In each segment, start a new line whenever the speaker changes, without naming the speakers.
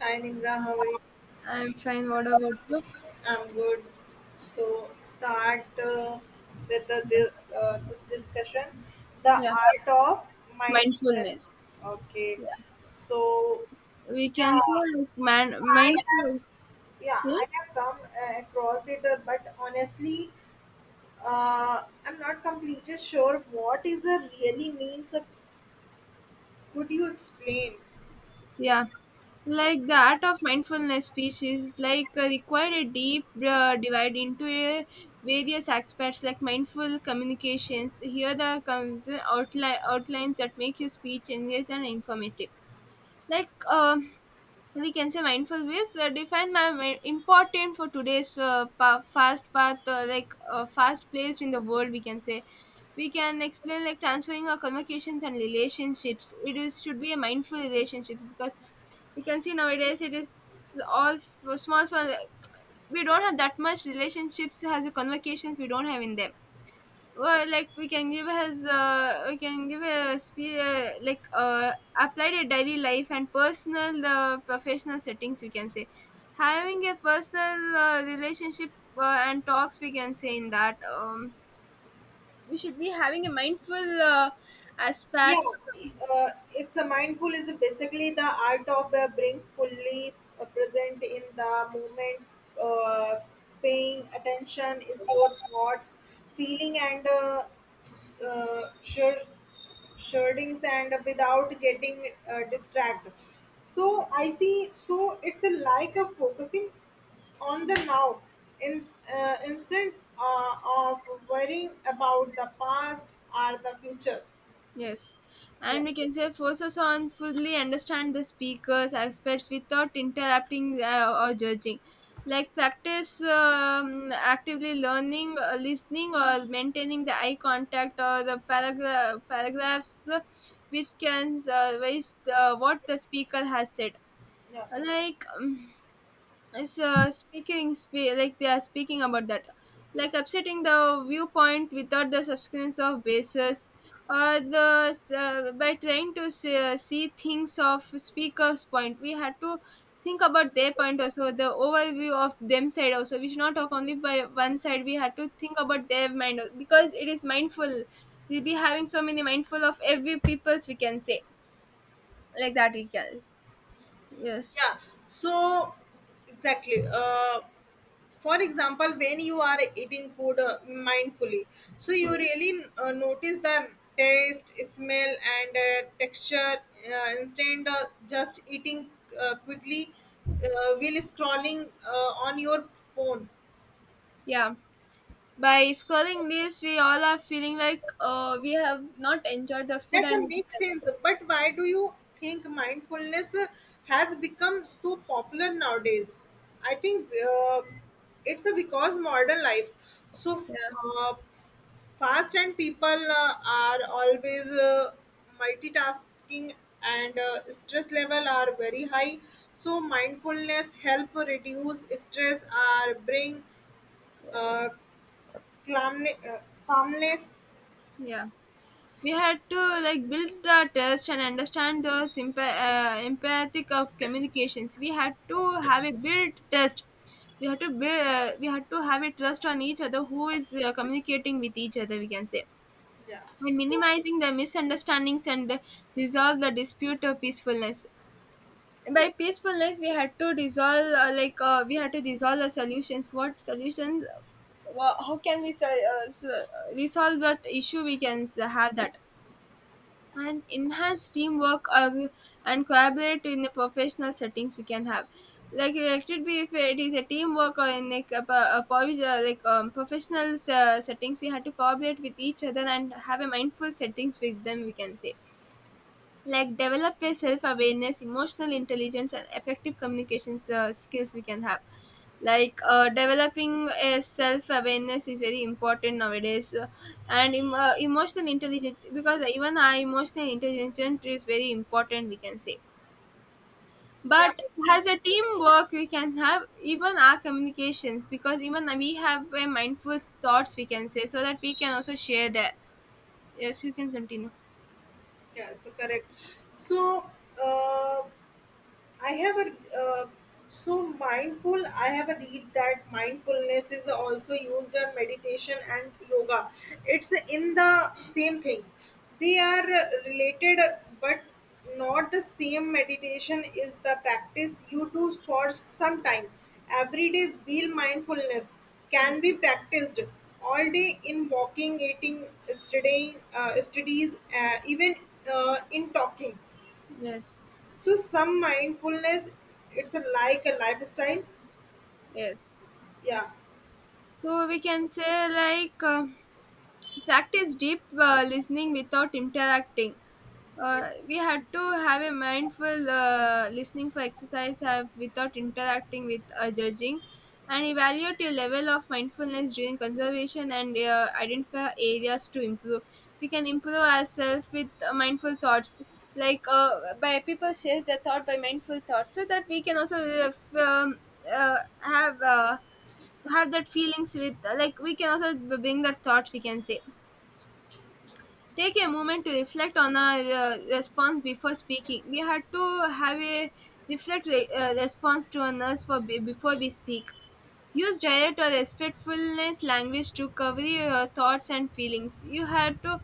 Hi Nimra, how are you?
I'm fine. What about you?
I'm good. So start with this discussion, the
Yeah,
art of mindfulness.
mindfulness.
Okay.
Yeah,
So
we can
yeah,
say like man
I have
mindfulness.
yeah, I have come across it, but honestly, I'm not completely sure what is a really means. Could you explain?
Yeah, like the art of mindfulness speech is like required a deep divide into a various aspects like mindful communications. Here the comes outlines that make your speech engaged and informative. Like we can say mindful ways define important for today's fast path fast placed in the world, we can say, we can explain like transferring our communications and relationships, it is should be a mindful relationship because we can see nowadays it is all small small, we don't have that much relationships as a convocations, we don't have in them. Well, like we can give his we can give a spe- applied a daily life and personal professional settings, we can say, having a personal relationship and talks, we can say, in that we should be having a mindful
Yeah,
aspects.
uh, it's a mindful is basically the art of being fully present in the moment, uh, paying attention is your thoughts, feeling and s- uh, sure sherdings and without getting distracted. So I see. So it's a like a focusing on the now in instead uh, of worrying about the past or the future.
Yes,
Yeah.
and we can say forces on fully understand the speaker's aspects without interrupting or judging. Like practice actively learning, listening, or maintaining the eye contact or the paragraphs which, what the speaker has said.
Yeah.
Like. So speaking like they are speaking about that, like upsetting the viewpoint without the substance of basis or the, by trying to see things of speaker's point, we had to think about their point, also the overview of them side, also we should not talk only by one side, we had to think about their mind because it is mindful. We'll be having so many mindful of every people's, we can say, like that it is. Yes.
yeah so exactly, for example, when you are eating food mindfully, so you really notice the taste, smell and texture, instead of just eating quickly uh, while scrolling on your phone.
Yeah. By scrolling this, we all are feeling like we have not enjoyed the food
That's a
and.
make sense. But why do you think mindfulness has become so popular nowadays? I think it's a because modern life so
Yeah.
uh, fast and people are always multitasking and stress level are very high. So mindfulness help reduce stress or bring
Yes.
uh, calmness. Calmness.
Yeah. We had to, like, build the trust and understand the empathic of communications. We had to have a build trust. We had to build. We had to have a trust on each other. Who is communicating with each other? We can say
Yeah.
and
So
minimizing the misunderstandings and resolve the dispute of peacefulness. By peacefulness, we had to dissolve we had to dissolve the solutions, what solutions, how can we uh, s- uh, resolve that issue, we can have that, and enhance teamwork and collaborate in the professional settings we can have, like it should be, if it is a teamwork or in like a, pro- a, provis- like professional settings, we had to collaborate with each other and have a mindful settings with them, we can say. Like develop a self-awareness, emotional intelligence, and effective communications skills we can have. Like developing a self-awareness is very important nowadays, and emotional intelligence, because even our emotional intelligence is very important, we can say,
yeah,
but
I think.
as a
Yeah.
teamwork we can have, even our communications, because even we have a mindful thoughts, we can say, so that we can also share that. Yes, you can continue.
Yeah, it's correct. So, uh, I have a uh, so mindful. I have a read that mindfulness is also used in meditation and yoga. It's in the same things. They are related, but not the same. Meditation is the practice you do for some time. Everyday real mindfulness can
Yeah.
be practiced all day in walking, eating, studying, studies, even in talking,
Yes.
so some mindfulness, it's a, like a lifestyle.
Yes.
Yeah,
So we can say like practice deep listening without interacting. We had to have a mindful listening for exercise have without interacting with judging and evaluate your level of mindfulness during conservation and identify areas to improve. We can improve ourselves with mindful thoughts, like by people shares their thought by mindful thoughts so that we can also uh, have uh, have that feelings with, like, we can also bring that thoughts, we can say. Take a moment to reflect on our response before speaking, we had to have a reflect response to others, for before we speak. Use direct or respectfulness language to cover your thoughts and feelings, you had to,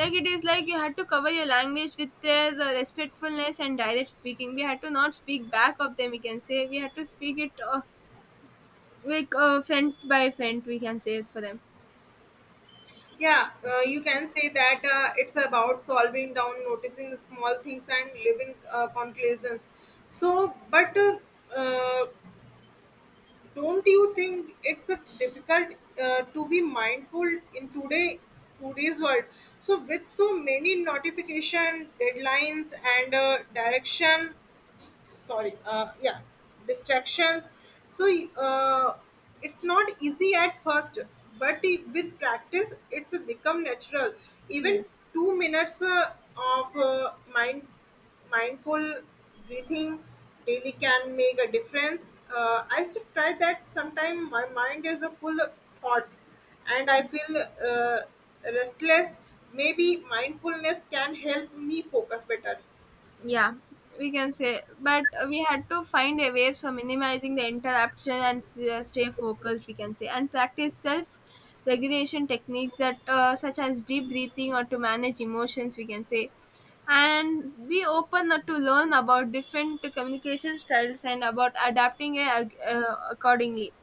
like it is like you had to cover your language with their respectfulness and direct speaking. We had to not speak back of them, we can say, we had to speak it, like friend by friend, we can say it for them.
yeah. You can say that it's about solving down, noticing small things, and living conclusions. But uh, don't you think it's a difficult to be mindful in today's world? So with so many notification, deadlines, and direction sorry yeah distractions, so uh, it's not easy at first, but with practice it's become natural. Even
Yes.
2 minutes of mindful breathing daily can make a difference. I should try that sometime. My mind is a full of thoughts and I feel uh, restless. Maybe mindfulness can help me focus better.
Yeah. We can say, but we had to find a way for minimizing the interruption and stay focused, we can say, and practice self regulation techniques that, such as deep breathing or to manage emotions, we can say, and be open to learn about different communication styles and about adapting it accordingly.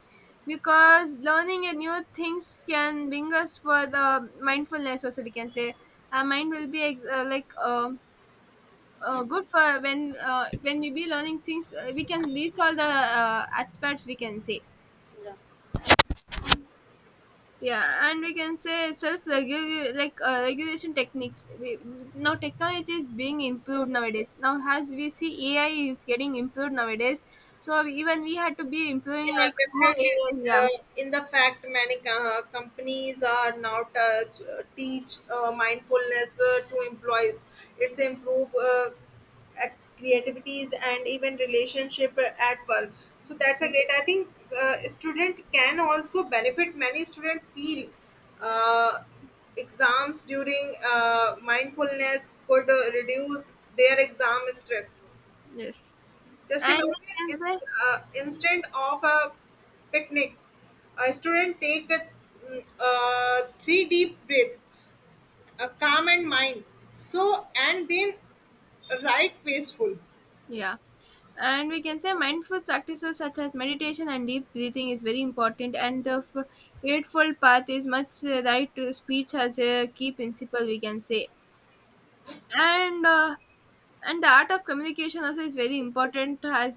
Because learning a new things can bring us for the mindfulness also, we can say. Our mind will be good for when, when we be learning things, we can list all the aspects, we can say. Yeah, and we can say self, like regulation techniques we, now technology is being improved nowadays, now as we see AI is getting improved nowadays. So even we had to be improving
Yeah,
like how
definitely.
AI. Yeah.
In the fact, many companies are now teach mindfulness to employees. It's improve creativities and even relationship at work. So that's a great. I think student can also benefit. Many student feel uh, exams during mindfulness could reduce their exam stress.
Yes.
Just
And we
imagine
can
in,
say.
instant of a picnic, a student take a, three deep breath, a calm and mind. So and then right peaceful.
Yeah. And we can say mindful practices such as meditation and deep breathing is very important, and the Eightfold Path is much right to speech as a key principle, we can say. And uh, and the art of communication also is very important, as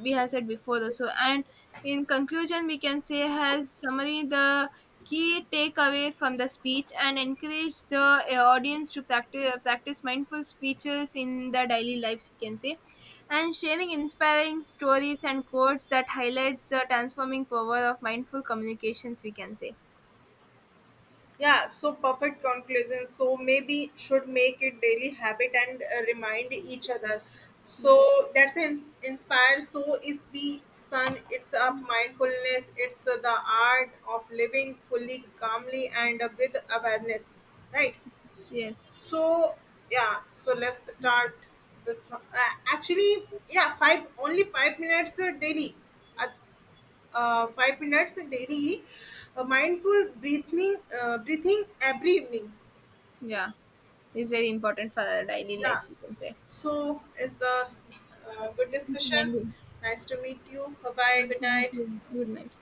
we have said before also, and in conclusion we can say, has summary the key takeaway from the speech and encourage the audience to practice mindful speeches in their daily lives, we can say, and sharing inspiring stories and quotes that highlights the transforming power of mindful communications, we can say.
Yeah, so perfect conclusion. So maybe should make it daily habit and remind each other.
Yes.
So that's inspired. So if we sun, it's a mindfulness. It's the art of living fully, calmly, and with awareness. Right.
Yes.
So yeah, so let's start this one. Actually, yeah, 5 minutes daily. Uh, 5 minutes daily. Mindful breathing, breathing every evening.
Yeah, it's very important for our daily
Yeah.
lives, we can say.
So is the good discussion.
And
Nice to meet you. Bye bye.
thank
Good night.
you. Good night.